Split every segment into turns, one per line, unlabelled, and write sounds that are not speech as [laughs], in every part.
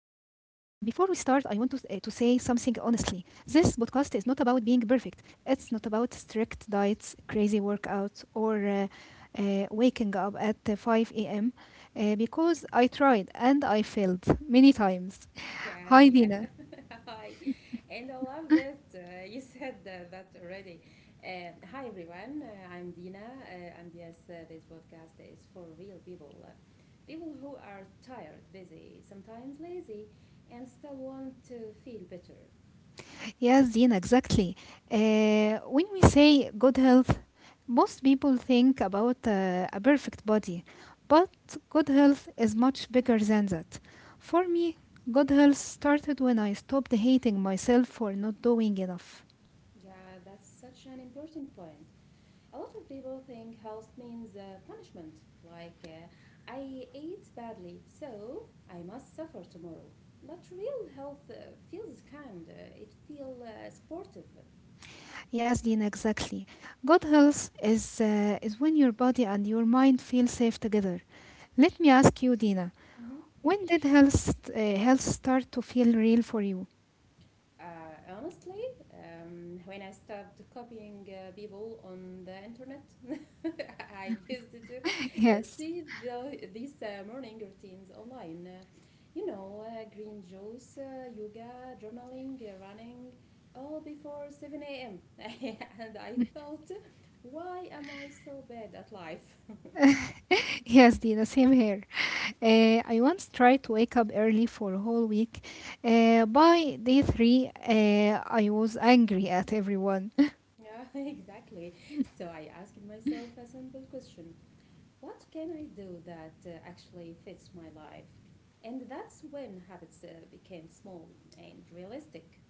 something honestly. This podcast is not about being perfect, it's not about strict diets, crazy workouts, or waking up at 5 a.m. Because I tried and I failed many times. [laughs]
Yeah,
Hi,
yeah.
Dina.
[laughs] Hi. And I love that you [laughs] said that already. Hi, everyone. I'm Dina. And yes, this podcast is for real people. People who are tired, busy, sometimes lazy, and still want to feel better.
Yes, Dina, exactly. When we say good health, most people think about a perfect body, but good health is much bigger than that. For me, good health started when I stopped hating myself for not doing enough.
Yeah, that's such an important point. A lot of people think health means punishment, like I ate badly, so I must suffer tomorrow. But real health feels kind, it feels sportive.
Yes, Dina, exactly. Good health is when your body and your mind feel safe together. Let me ask you, Dina,
Mhm.
when did health start to feel real for you?
Honestly, when I stopped copying people on the internet. [laughs] I used to
[laughs] Yes,
see these morning routines online. Green juice, yoga, journaling, running, all before 7 a.m. [laughs] And I thought, why am I so bad at life? [laughs]
yes, Dina, same here. I once tried to wake up early for a whole week. By day three, I was angry at everyone. [laughs]
Yeah, [laughs] exactly. So I asked myself a simple question. What can I do that actually fits my life? And that's when habits became small and realistic.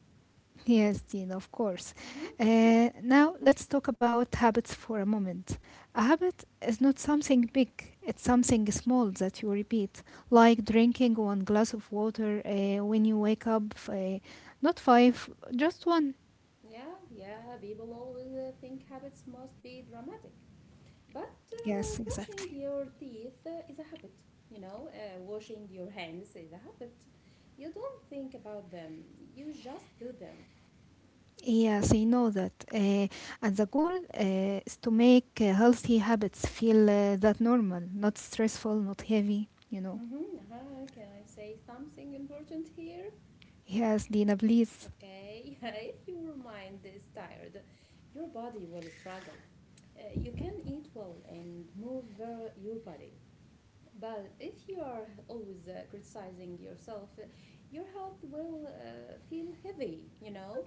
Yes, Dean, of course.
Hmm.
Now, let's talk about habits for a moment. A habit is not something big, it's something small that you repeat, like drinking one glass of water when you wake up, not five, just one.
Yeah, yeah, people always think habits must be dramatic. But
Yes,
brushing
exactly.
your teeth is a habit, washing your hands is a habit. You don't think about them, you just do them.
Yes, I know that. And the goal is to make healthy habits feel that normal, not stressful, not heavy, you know.
Hmm. Uh-huh. Can I say something important here?
Yes, Dina, please.
Okay, [laughs] if your mind is tired, your body will struggle. You can eat well and move your body, but if you are always criticizing yourself, your health will feel heavy, you know?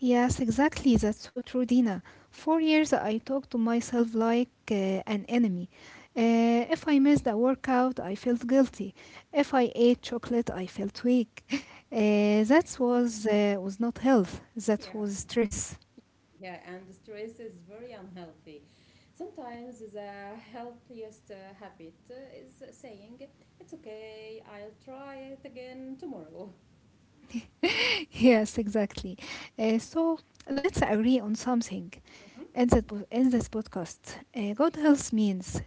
Yes, exactly. That's so true, Dina. For years, I talked to myself like an enemy. If I missed a workout, I felt guilty. If I ate chocolate, I felt weak. [laughs] That was not health. That
Yeah.
was stress.
Yeah, and stress is very unhealthy. Sometimes the healthiest habit is saying, It's okay, I'll try it again tomorrow.
Yes, exactly. So let's agree on something in
Hmm.
in this podcast. Good health means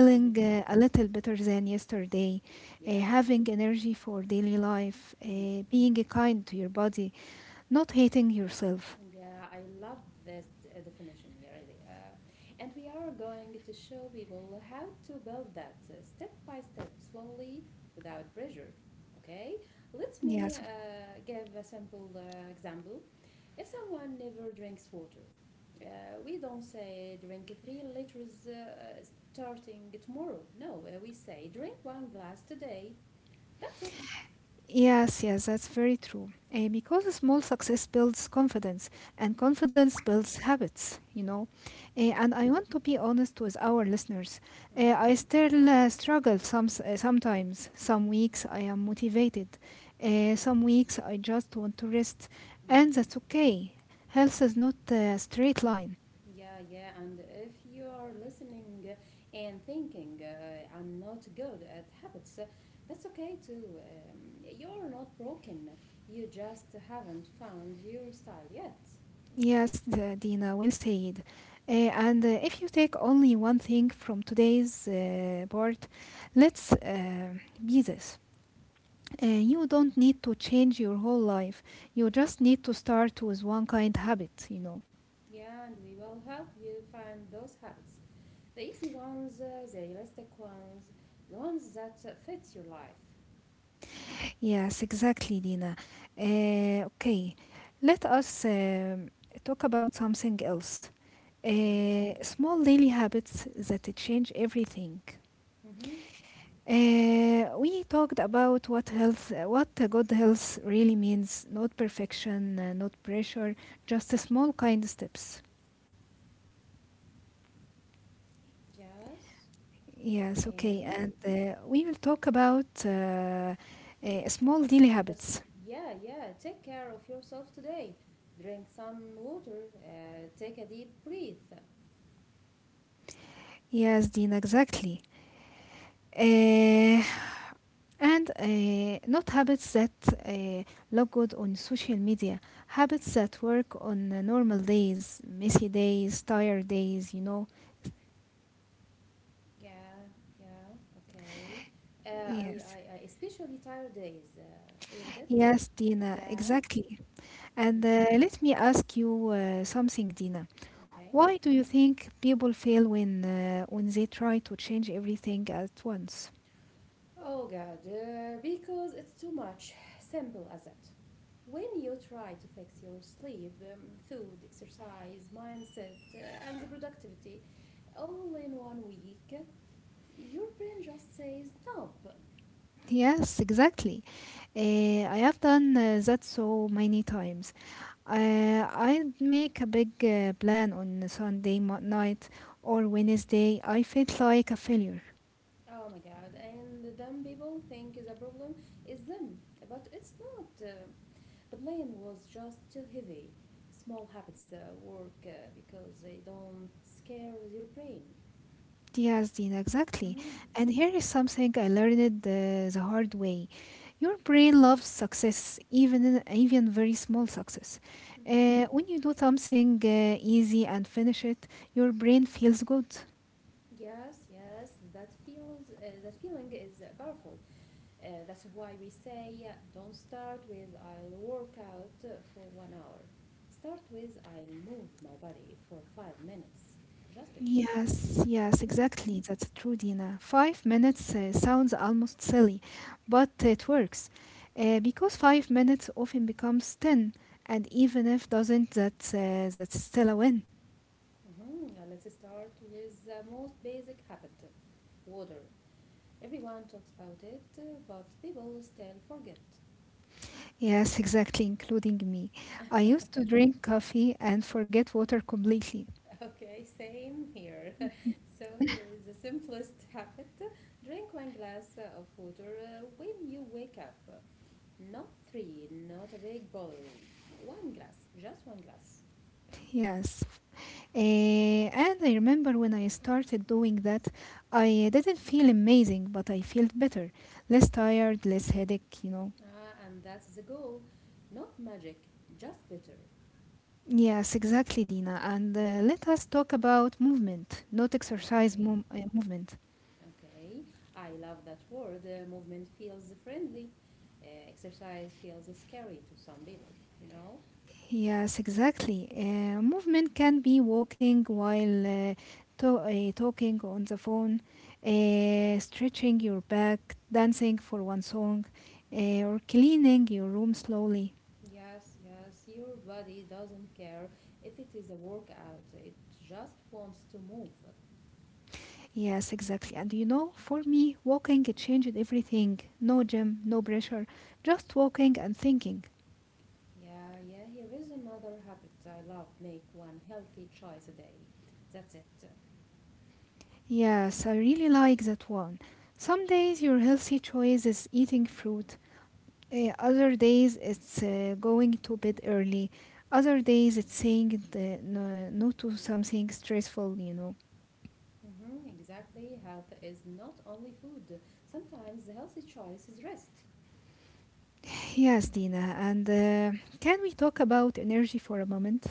Hmm.
a little better than yesterday,
Yeah.
having energy for daily life,
Mm-hmm.
being kind to your body, not hating yourself.
Yeah, I love this definition, yeah, really. And we are going to show people how to build that step by step, slowly, without pressure. Okay, let me
Yes,
give a simple example. If someone never drinks water, we don't say drink 3 liters starting tomorrow. No, we say drink one glass today. That's it.
yes, yes, that's very true. Because a small success builds confidence, and confidence builds habits, you know.
Yeah.
And I want to be honest with our listeners.
Mm-hmm.
I still struggle sometimes. Some weeks I am motivated, some weeks I just want to rest,
Yeah.
and that's okay. Health is not a straight line.
Yeah, yeah, and if you are listening and thinking, I'm not good at habits, that's okay too. You're not broken, you just haven't found your style yet.
Yes, the, Dina, well said. And if you take only one thing from today's part, let's be this. You don't need to change your whole life. You just need to start with one kind habit, you know.
Yeah, and we will help you find those habits, the easy ones, the realistic ones, the ones that fit your life.
Yes, exactly, Dina. Okay, let us talk about something else.
Yeah,
Small daily habits that change everything.
mm-hmm.
We talked about what a good health really means. Not perfection, not pressure, just a small kind steps.
Yes,
Yes, okay.
and
And we will talk about small daily
As-
habits.
yeah, yeah. Take care of yourself today. Drink some water. Take a deep breath.
Yes, Dean, exactly. Uh, and not habits that uh, look good on social media. Habits that work on normal days, messy days, tired days, you know.
Yeah, yeah. Okay. Uh, I,
Yes.
I, I especially tired days, isn't it?
Yes, Dina,
Yeah.
exactly.
Mhm.
And let me ask you something, Dina.
Okay.
Why do you think people fail when they try to change everything at once?
Oh God, because it's too much. Simple as that. When you try to fix your sleep, food, exercise, mindset, and the productivity all in 1 week, your brain just says, Nope.
Yes, exactly. I have done that so many times. I'd make a big plan on night or Wednesday. I felt like a failure.
Oh my God, and then people think the problem is them, but it's not. The plane was just too heavy. Small habits work because they don't scare your brain.
Yes, Dina, exactly.
Hmm.
And here is something I learned the hard way. Your brain loves success, even very small success.
Hmm.
When you do something easy and finish it, your brain feels good.
Yes, yes, that feeling is powerful. That's why we say don't start with I'll work out for 1 hour. Start with I'll move my body for 5 minutes. Just it.
Yes, yes,
Mhm.
exactly. That's true, Dina. Five minutes sounds almost silly, but it works. Because 5 minutes often becomes 10, and even if doesn't, that's still a win.
Mhm. Let's start with the most basic habit, water. Everyone talks about it, but people still forget.
Yes, exactly, including me. I used to drink coffee and forget water completely.
[laughs] Okay, same here. [laughs] So, here is the simplest [laughs] habit, drink one glass of water when you wake up. Not three, not a big bottle. One glass, just one glass.
Yes. And I remember when I started doing that, I didn't feel amazing, but I felt better. Less tired, less headache, you know.
Ah, and that's the goal. Not magic, just bitter.
Yes, exactly, Dina. And
Mhm.
uh, let us talk about movement, not exercise,
Okay,
mom- uh, movement.
okay, I love that word. Movement feels friendly. Exercise feels scary to some people, you know?
Yes, exactly. Movement can be walking while talking on the phone, stretching your back, dancing for one song, or cleaning your room slowly.
Yes, yes, your body doesn't care if it is a workout, it just wants to move.
Yes, exactly. And you know, for me, walking it changed everything. No gym, no pressure, just walking and thinking.
Yeah, yeah, here is another habit I love, make one healthy choice a day. That's it.
Yes, I really like that one. Some days your healthy choice is eating fruit. Other days it's going to bed early. Other days it's saying no, no to something stressful, you know.
Hmm, exactly, health is not only food. Sometimes the healthy choice is rest.
Yes, Dina. And can we talk about energy for a moment?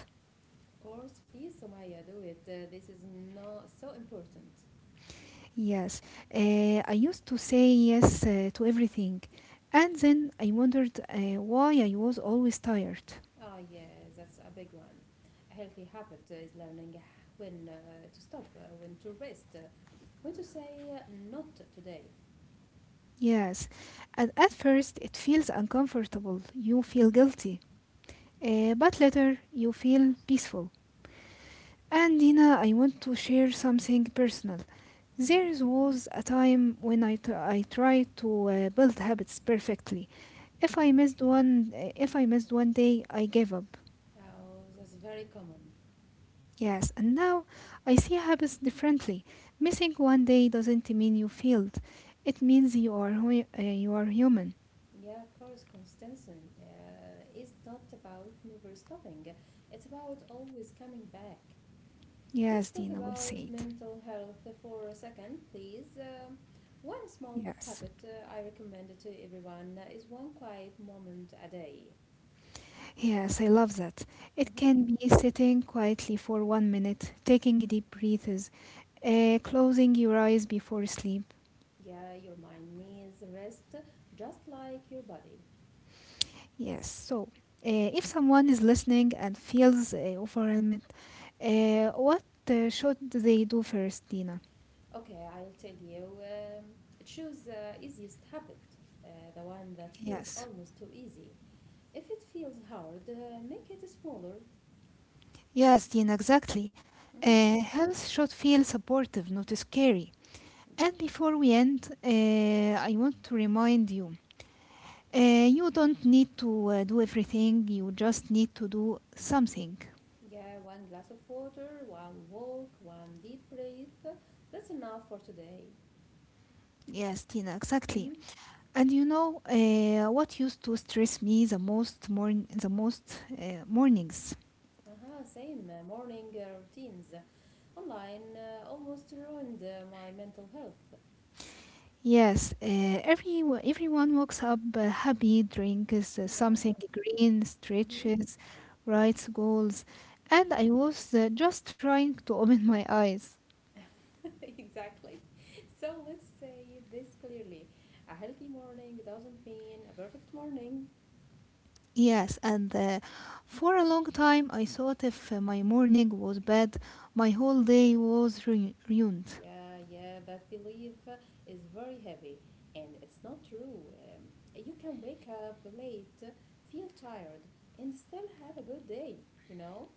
Of course, please, Somaya, do it. This is, no, so important.
Yes. I used to say yes to everything. And then I wondered why I was always tired.
Ah, yes, that's a big one. A healthy habit is learning when to stop, when to rest, when to say, not today.
Yes. And at first it feels uncomfortable. You feel guilty. But later you feel peaceful. And Dina, I want to share something personal.
Hmm.
There was a time when I tried to build habits perfectly. If I missed one day, I gave up.
Oh, that's very common.
Yes, and now I see habits differently. Missing one day doesn't mean you failed. It means you are human.
Yeah, of course, consistency is not about never stopping, it's about always coming back.
Yes,
Let's talk
Dina will
about
say it.
mental health for a second, please. One small
Yes.
habit I recommend to everyone is one quiet moment a day.
Yes, I love that. It
Mhm.
can be sitting quietly for 1 minute, taking deep breaths, closing your eyes before sleep.
Yeah, your mind needs rest just like your body.
Yes. If someone is listening and feels overwhelmed, what should they do first, Dina?
Okay, I'll tell you. Choose the easiest habit, the one that feels
Yes,
almost too easy. If it feels hard, make it smaller.
yes, Dina, exactly.
Mhm.
Health should feel supportive, not scary. And before we end, I want to remind you, you don't need to do everything, you just need to do something.
Yeah, one glass of water, one walk, one deep breath. That's enough for today.
Yes, Tina, exactly.
Mm-hmm.
And you know what used to stress me the most morn- the most mornings.
Huh. Same morning routines online almost ruined my mental health.
Yes, every everyone wakes up happy, drinks something
Yeah.
green,
Mm-hmm.
stretches, writes goals, and I was just trying to open my eyes.
[laughs] Exactly. So let's say this clearly. A healthy morning doesn't mean a perfect morning.
Yes, and for a long time I thought if my morning was bad, my whole day was ruined.
Yeah, yeah, that belief is very heavy, and it's not true. Um, you can wake up late, feel tired, and still have a good day, you know?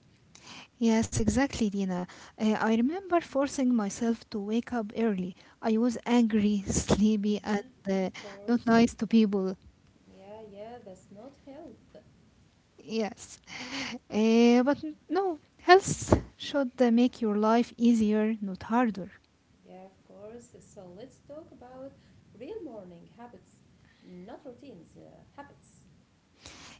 Yes, exactly, Dina. I remember forcing myself to wake up early. I was angry, [laughs] sleepy, and
Mm-hmm. Of
uh, not
course.
nice to people.
Yeah, yeah, that's not health.
Yes. But no, health should make your life easier, not harder.
Yeah, of course. So let's talk about real morning habits, not routines, habits.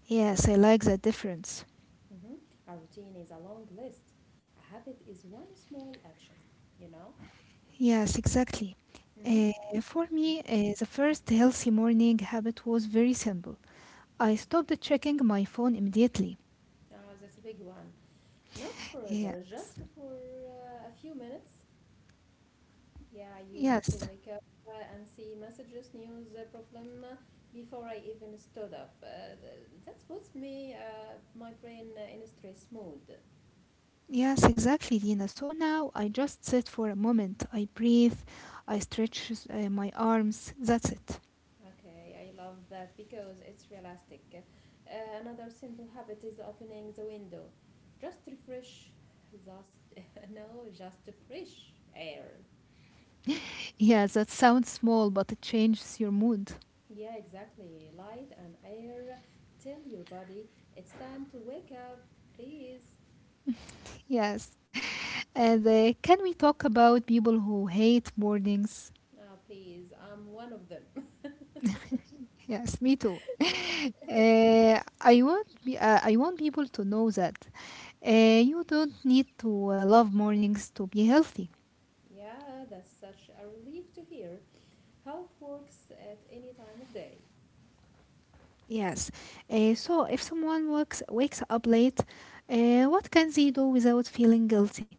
Yes, I like that difference.
Hmm. A routine is a long list. A habit is one small action, you know?
Yes, exactly.
Hmm.
Uh, for me, the first healthy morning habit was very simple. I stopped checking my phone immediately.
Oh, that's a big one. Not forever,
Yes,
just for a few minutes. Yeah, I used to
yes,
wake up and see messages, news, problem, before I even stood up. That's puts me, my brain, in a stress mode.
yes, exactly, Dina. So now I just sit for a moment. I breathe, I stretch my arms. That's it.
Okay, I love that because it's realistic. Another simple habit is opening the window. Just refresh, just [laughs] no, just fresh air.
Yeah, that sounds small, but it changes your mood.
Yeah, exactly. Light and air. Tell your body it's time to wake up, please.
Yes. And can we talk about people who hate mornings?
Ah, please, I'm one of them. [laughs]
Yes, me too. I want people to know that you don't need to love mornings to be healthy.
Yeah, that's such a relief to hear. Health works at any time of day.
Yes. So if someone wakes up late, what can they do without feeling guilty?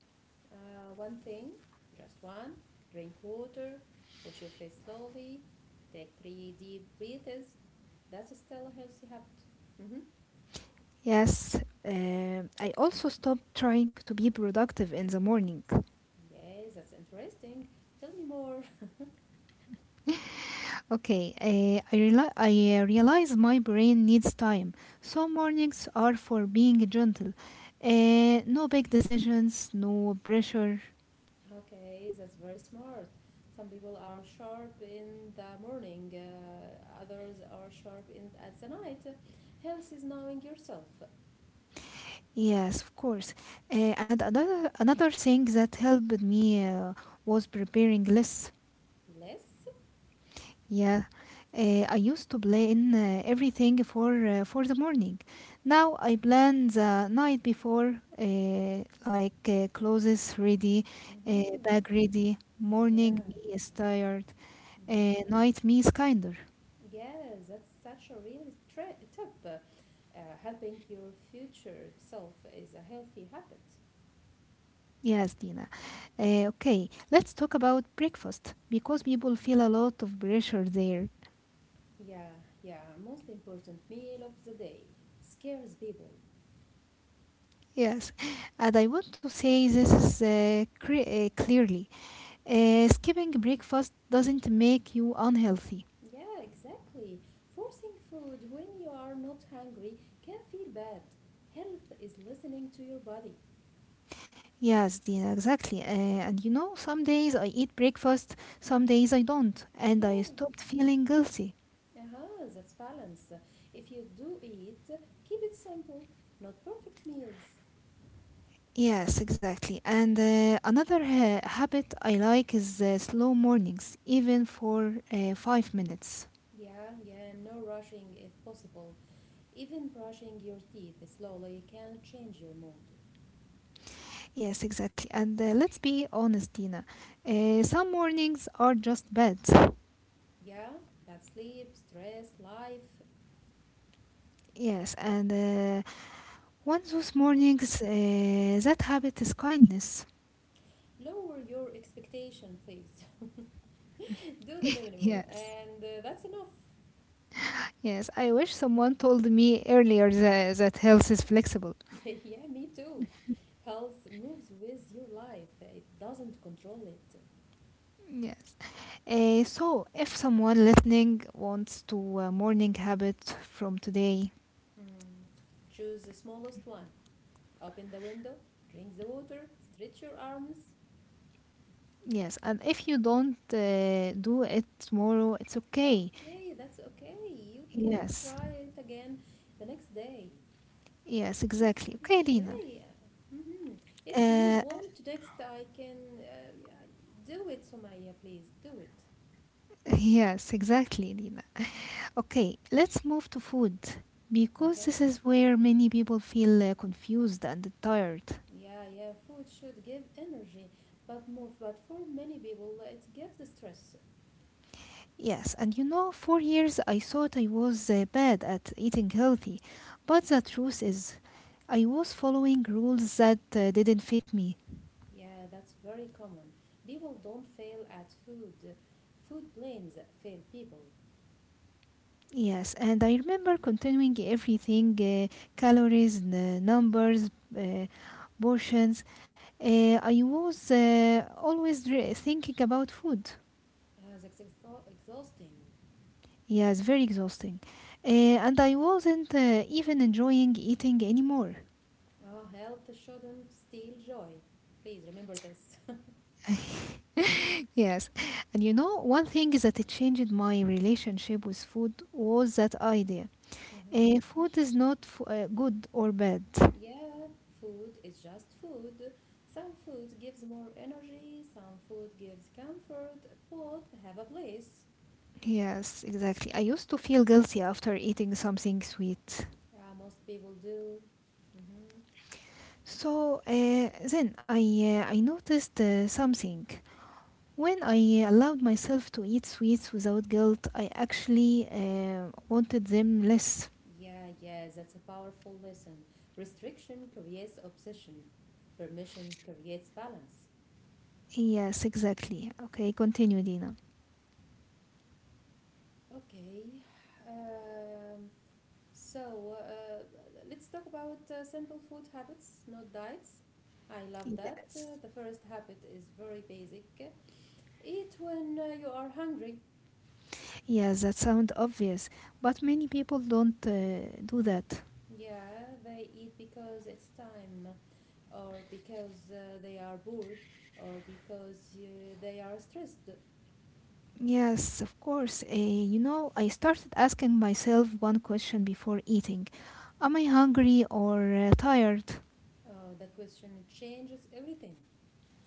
One thing, just one. Drink water, wash your face slowly, take three deep breaths. That's still a healthy habit. Mm-hmm.
Yes. I also stopped trying to be productive in the morning.
Yes, that's interesting. Tell me more. [laughs]
Okay. I realize my brain needs time. So mornings are for being gentle. No big decisions, no pressure.
Okay, that's very smart. Some people are sharp in the morning, others are sharp in at the night. Health is knowing yourself.
Yes, of course. And another thing that helped me was preparing lists.
Less.
Yeah, I used to plan everything for the morning. Now I plan the night before, like clothes ready,
Mm-hmm.
bag ready. Morning me
Yeah.
is tired,
Mm-hmm.
night me is kinder.
Yes, that's such a real tri tip. Helping your future self is a healthy habit.
Yes, Dina. Okay, let's talk about breakfast because people feel a lot of pressure there.
Yeah, yeah, most important meal of the day scares people.
Yes, and I want to say this is clearly. Skipping breakfast doesn't make you unhealthy.
Yeah, exactly. Forcing food when you are not hungry can feel bad. Health is listening to your body.
Yes, Dina, exactly. And you know, some days I eat breakfast, some days I don't, and I
Yeah,
stopped feeling guilty.
uh-huh, that's balance. If you do eat, keep it simple, not perfect meals.
Yes, exactly. And another habit I like is slow mornings, even for 5 minutes.
Yeah, yeah, no rushing if possible. Even brushing your teeth slowly can change your mood.
Yes, exactly. And let's be honest, Dina. Some mornings are just bad.
Yeah, bad sleep, stress, life.
Yes, and One of those mornings, that habit is kindness.
Lower your expectation, please. [laughs] Do the
[laughs]
minimum,
Yes.
and that's enough.
Yes, I wish someone told me earlier that health is flexible.
[laughs] Yeah, me too. Health moves with your life, it doesn't control it.
Yes. So, if someone listening wants to a morning habit from today,
Choose the smallest one. Open the window, drink the water, stretch your arms.
yes, and if you don't do it tomorrow, it's okay.
Okay, that's okay. You can
Yes,
try it again the next day.
yes,
If
exactly.
you,
Okay, Lina.
Yeah, yeah. Hmm. If you
Uh,
want to text, I can, yeah, do it, Sumaya, please do it.
[laughs] yes, exactly, Lina. Okay, let's move to food because
Okay?
this is where many people feel confused and tired.
Yeah, yeah, food should give energy, but for many people, it gives stress.
Yes, and you know, for years I thought I was bad at eating healthy, but the truth is, I was following rules that didn't fit me.
Yeah, that's very common. People don't fail at food. Food plans fail people.
Yes, and I remember continuing everything calories, numbers, uh, portions. I was always thinking about food.
That's exhausting.
Yeah, it's very exhausting. Uh, and I wasn't even enjoying eating anymore.
Health shouldn't steal joy. Please remember this. [laughs]
[laughs] Yes. And you know, one thing that it changed my relationship with food was that idea.
Mhm.
Food is not good or bad.
Yeah, food is just food. Some food gives more energy, some food gives comfort. Both have a place.
Yes, exactly. I used to feel guilty after eating something sweet.
Most people do. Hmm.
So uh, then I noticed something. When I allowed myself to eat sweets without guilt, I actually wanted them less.
Yeah, yeah, that's a powerful lesson. Restriction creates obsession, permission creates balance.
Yes, exactly. Okay, continue, Dina.
Okay, um, so let's talk about simple food habits, not diets. I love that.
Yes.
The first habit is very basic. Eat when you are hungry.
Yes, that sounds obvious, but many people don't do that.
Yeah, they eat because it's time, or because they are bored, or because they are stressed. Uh,
Yes, of course. You know, I started asking myself one question before eating. Am I hungry or tired?
the question changes everything.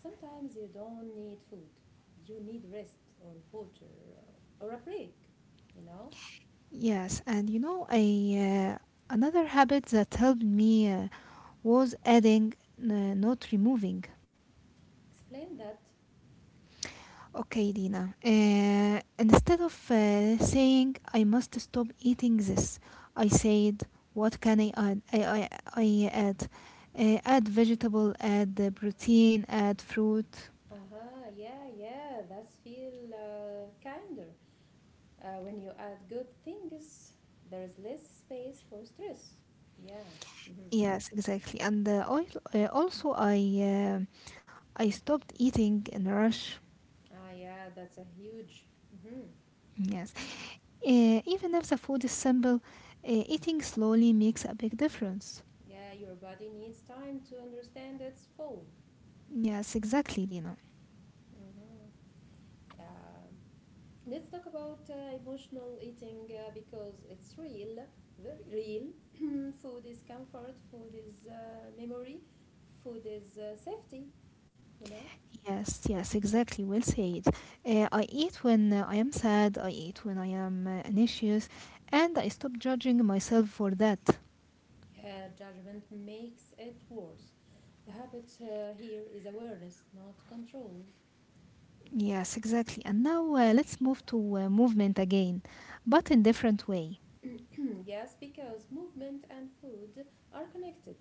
Sometimes you don't need food, you need rest, or water, or a break. You know?
Yes, and you know, another habit that helped me was adding, uh, not removing.
Explain that.
Okay, Dina. Instead of saying I must stop eating this, I said, what can I add? I add. Add vegetable, add protein, add fruit.
Uh huh, yeah, yeah, that's feel kinder. When you add good things, there is less space for stress. Yeah. Hmm.
Yes, exactly. And oil, also, I stopped eating in a rush.
Ah, yeah, that's a huge. Hmm.
Yes, even if the food is simple, eating slowly makes a big difference.
Yeah, your body needs time to understand its full.
Yes, exactly, Dina.
Hmm. Yeah. Let's talk about emotional eating because it's real, very real. Mm, food is comfort, food is memory, food is safety, you know?
Yes, yes, exactly. Well said. I eat when I am sad, I eat when I am anxious, and I stop judging myself for that.
Yeah, judgment makes it worse. The habit here is awareness, not control.
Yes, exactly. And now let's move to movement again, but in different way.
[clears throat] Yes, because movement and food are connected.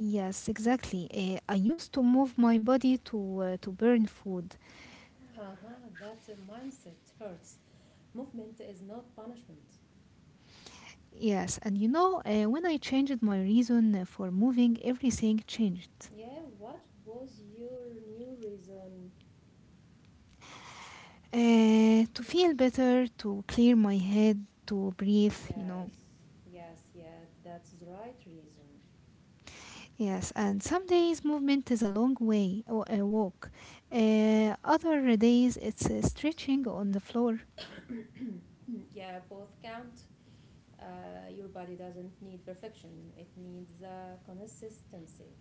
Yes, exactly. I used to move my body to burn food.
Haha, that mindset hurts. Movement is not punishment.
Yes, and you know, when I changed my reason for moving, everything changed.
Yeah, what was your new reason?
To feel better, to clear my head, to breathe, you know.
Yes, yes, yeah, that's the right reason.
Yes, and some days movement is a long way, or a walk. Other days it's stretching on the floor.
[clears throat] Yeah, both count. Your body doesn't need perfection, it needs consistency.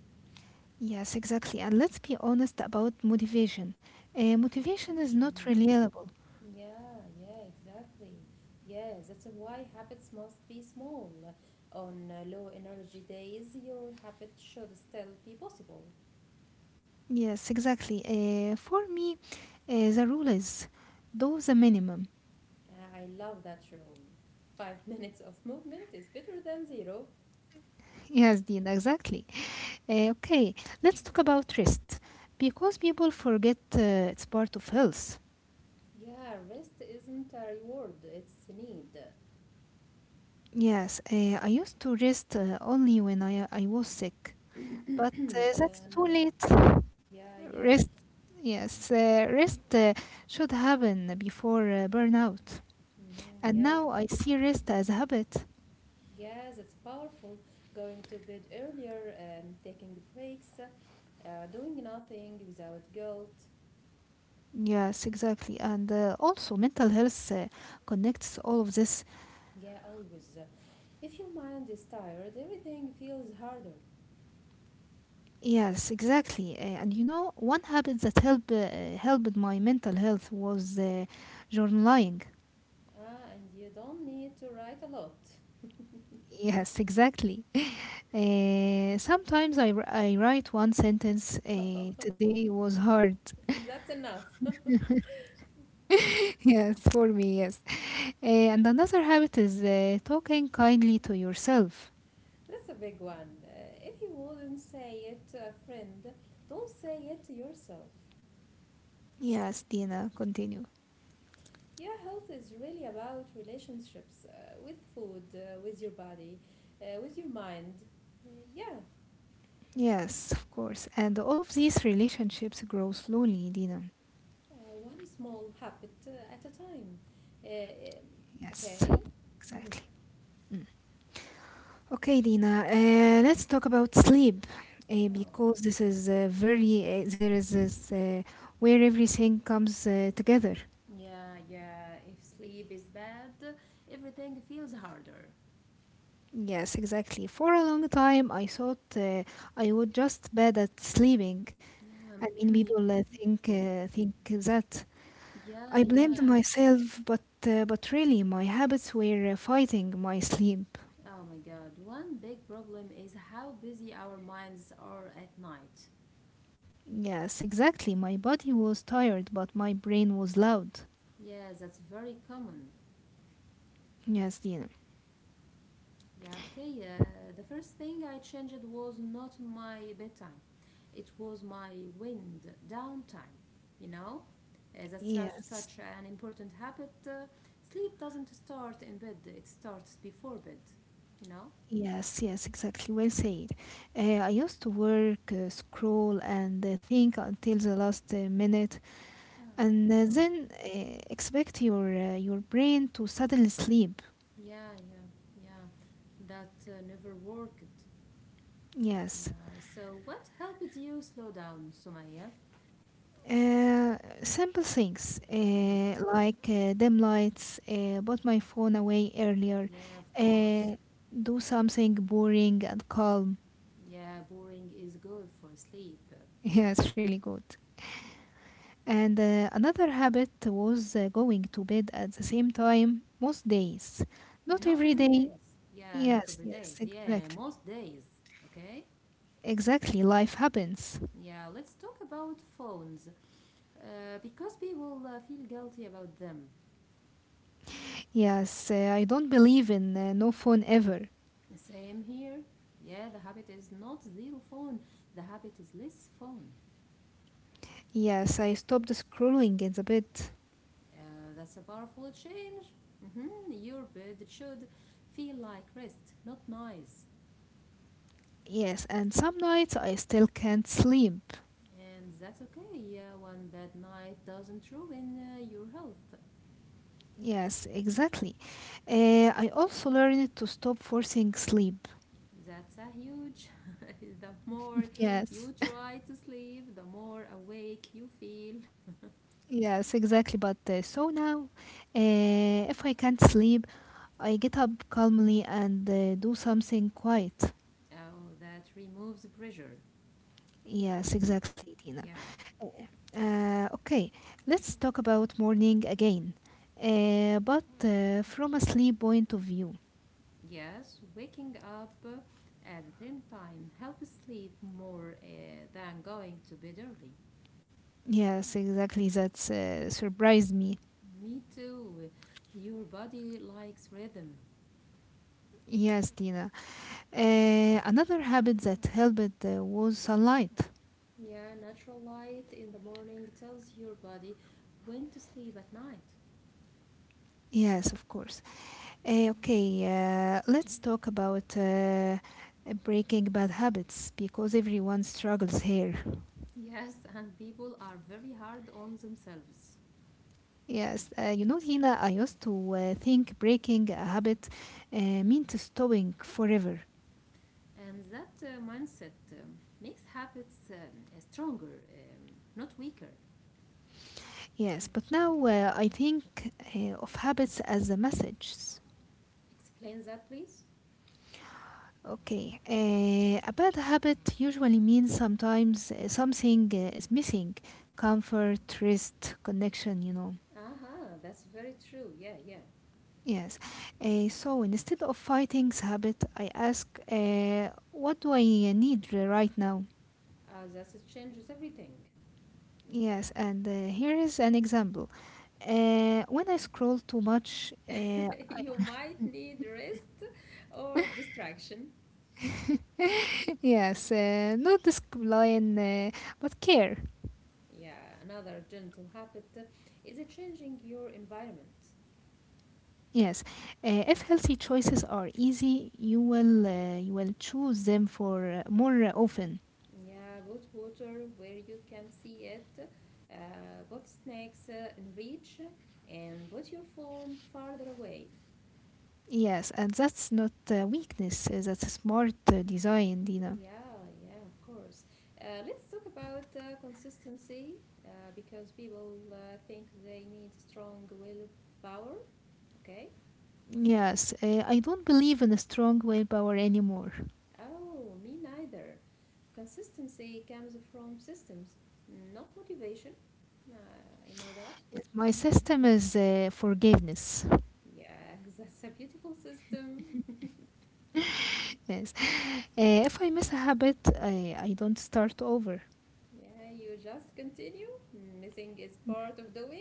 Yes, exactly. And let's be honest about motivation. Motivation is not
Motivation
reliable.
Yeah, yeah, exactly. Yes, that's why habits must be small. On low energy days, your habit should still be possible.
Yes, exactly. For me, the rule is do the minimum. [laughs]
I love that rule. Five [laughs] minutes of movement is better than zero.
Yes, Dean, exactly. Okay, let's talk about rest because people forget it's part of health.
Yeah, rest isn't a reward, it's a need.
Yes, I used to rest only when I was sick.
[clears throat]
But that's
No.
too late.
Yeah, yeah.
Rest, yes, rest should happen before burnout.
Mm-hmm,
And
yeah.
now I see rest as a habit.
Yeah, that's powerful. Going to bed earlier, taking breaks, doing nothing without guilt.
Yes, exactly. And also, mental health connects all of this.
Yeah, always. If your mind is tired, everything feels harder.
Yes, exactly. And you know, one habit that helped my mental health was journaling.
Ah, and you don't need to write a lot.
Yes, exactly. Sometimes I write one sentence.
[laughs]
Today was hard.
Oh, that's enough. [laughs]
[laughs] yes, for me, yes. And another habit is talking kindly to yourself.
That's a big one. If you wouldn't say it to a friend, don't say it to yourself.
Yes, Dina, continue.
Your health is really about relationships with food, with your body, with your mind. Uh, yeah,
Yes, of course. And all of these relationships grow slowly, Dina.
one small habit at a time. Uh, um,
Yes,
okay. hmm
exactly. Okay, Dina, let's talk about sleep.
Oh.
Because this is there is this where everything comes together.
Yeah, yeah. If sleep is bad, everything feels harder.
Yes, exactly. For a long time, I thought I was just bad at sleeping.
Yeah,
I mean,
[clears throat] yeah,
people
people.
think that
Yeah,
I
yeah.
blamed myself, but really, my habits were fighting my sleep.
Oh my God. One big problem is how busy our minds are at night.
Yes, exactly. My body was tired, but my brain was loud.
Yeah, that's very common.
Yes, Dina.
Yeah, okay. The first thing I changed was not my bedtime, it was my wind down time. You know, that's such,
Yes.
such an important habit. Sleep doesn't start in bed, it starts before bed, you know?
Yes, yes, exactly. Well said. I used to work, scroll, and think until the last minute,
Oh.
and
Oh,
then expect your brain to suddenly sleep.
yeah, yeah, yeah. That never worked. Yeah.
Yes.
So, what helped you slow down, Sumaya?
Uh, Simple things
hmm
like dim lights, put my phone away earlier,
Yeah, of course.
uh, do something boring and calm.
Yeah, boring is good for sleep.
[laughs] Yeah, it's really good. And another habit was going to bed at the same time most days. Not
Not
every
every
day.
days. Yeah, not
Yes,
every
yes,
days. Yeah,
exactly.
most days. Okay?
Exactly. Life happens.
Yeah, let's talk about phones. Because people feel guilty about them.
Yes, I don't believe in no phone ever.
Same here. Yeah, the habit is not zero phone. The habit is less phone.
Yes, I stopped scrolling in the bed.
That's a powerful change. Mm-hmm. Your bed should feel like rest, not noise.
Yes, and some nights I still can't sleep.
And that's okay. Yeah, one bad night doesn't ruin your health.
Yes, exactly. I also learned to stop forcing sleep.
That's a huge. The more
Yes,
you try to sleep, the more awake you feel.
yes, exactly. But so now, if I can't sleep, I get up calmly and do something quiet.
Oh, that removes pressure.
Yes,
Mhm.
exactly, Dina.
Yeah.
Okay, let's talk about morning again, but from a sleep point of view.
Yes, waking up at the same time helps sleep more than going to bed early.
Yes, exactly. That's surprised me.
Me too. Your body likes rhythm.
Yes, Dina. Another habit that helped was sunlight.
Yeah, natural light in the morning tells your body when to sleep at night.
Yes, of course. Okay, let's talk about breaking bad habits because everyone struggles here.
Yes, and people are very hard on themselves.
Yes, you know, Tina, I used to think breaking a habit uh, meant stopping forever.
And that mindset makes habits stronger, not weaker.
Yes, but now I think of habits as a message.
Explain that, please.
Okay, a bad habit usually means sometimes something is missing comfort, rest, connection, you know.
Aha, that's very true. Yeah, yeah.
Yes. So instead of fighting the habit, I ask, what do I need right now?
That changes everything.
Yes, and here is an example. When I scroll too much,
[laughs] You might need rest or distraction.
[laughs] yes, not discipline, but care.
Yeah, another gentle habit is changing your environment.
Yes, if healthy choices are easy, you will choose them for more often.
Yeah, put water where you can see it, put snacks in reach, and put your phone farther away.
Yes, and that's not weakness. That's a smart design, Dina.
Yeah, yeah, of course. Let's talk about consistency because people think they need strong willpower. Okay.
Yes, I don't believe in a strong willpower anymore.
Oh, me neither. Consistency comes from systems, not motivation. I know that.
My system is forgiveness.
Yeah, [laughs] that's a beautiful system.
Yes, if I miss a habit, I don't start over.
[laughs] Yeah, you just continue. Missing is part of doing.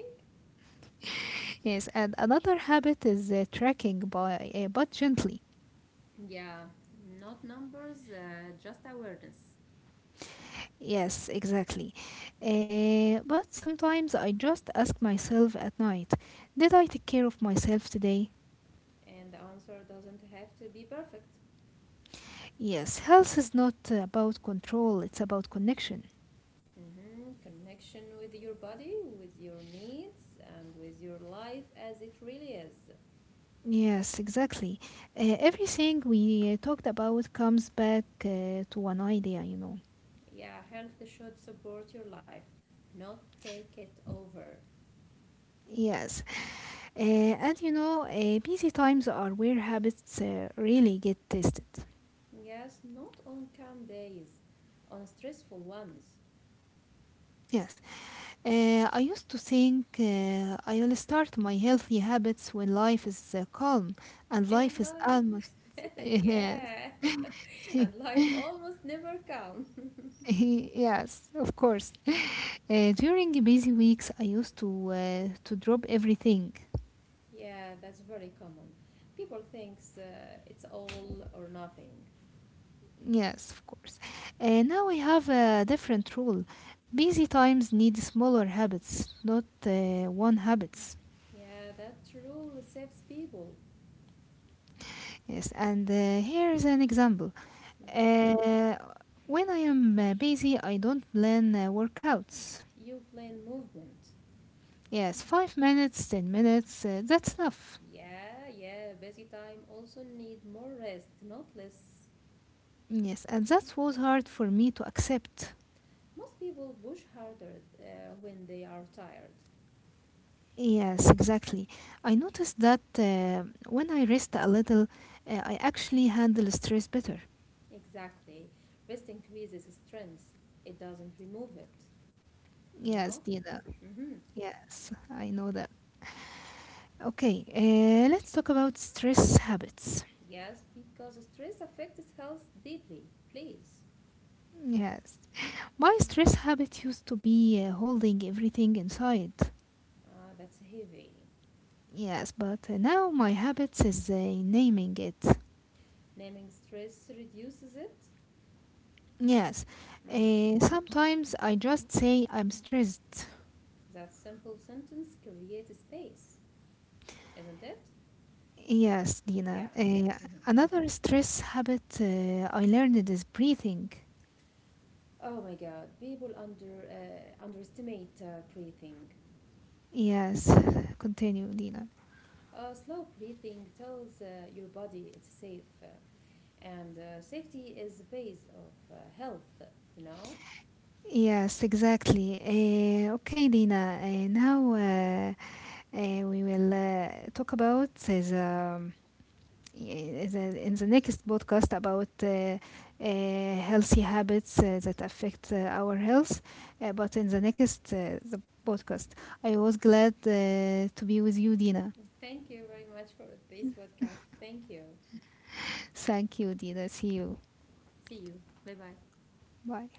Yes, and another habit is tracking, but gently.
Yeah, not numbers, just awareness.
Yes, exactly. But sometimes I just ask myself at night, did I take care of myself today?
And the answer doesn't have to be perfect.
Yes, health is not about control, it's about connection.
Mhm, connection with your body, with your needs, and with your life as it really is.
Yes, exactly. Everything we talked about comes back to one idea, you know.
Yeah, health should support your life, not take it over.
Yes, and you know, busy times are where habits really get tested.
Yes, not on calm days, on stressful ones.
Yes. I used to think I will start my healthy habits when life is calm, and
And
life is almost.
life, [laughs]
[laughs] Yes,
yeah, and life almost never calm.
[laughs] yes, of course. During busy weeks, I used to drop everything.
Yeah, that's very common. People thinks it's all or nothing.
Yes, of course. Now I have a different rule. Busy times need smaller habits, not one habits.
Yeah, that rule saves people.
Yes, and here is an example.
Mhm.
Uh, when I am busy, I don't plan workouts.
You plan movement.
Yes, 5 minutes, 10 minutes, that's enough.
Yeah, yeah, busy time also need more rest, not less.
Yes, and that was hard for me to accept.
Most people push harder when they are tired.
Yes, exactly. I noticed that when I rest a little, I actually handle stress better.
Exactly. Rest increases strength. It doesn't remove it, you
Yes,
know?
Dina.
Mm-hmm.
Yes, I know that. Okay, let's talk about stress habits.
Yes, because stress affects health deeply. Please.
Yes. My stress habit used to be holding everything inside.
Ah, that's heavy.
Yes, but now my habits is naming it.
Naming stress reduces it.
Yes,
Mm-hmm.
sometimes I just say I'm stressed.
That simple sentence creates space. Isn't it?
Yes,
Yeah.
Dina.
Mhm.
Another stress habit I learned is breathing.
Oh my God, people underestimate breathing.
Yes, continue, Dina.
Slow breathing tells your body it's safe, and safety is the base of health. You know.
Yes, exactly. Okay, Dina. Now We will talk about is. In the next podcast about healthy habits that affect our health. But in the next the podcast, I was glad to be with you, Dina.
Thank you very much for this podcast. Thank you.
Thank you, Dina. See you.
See you. Bye bye.
Bye.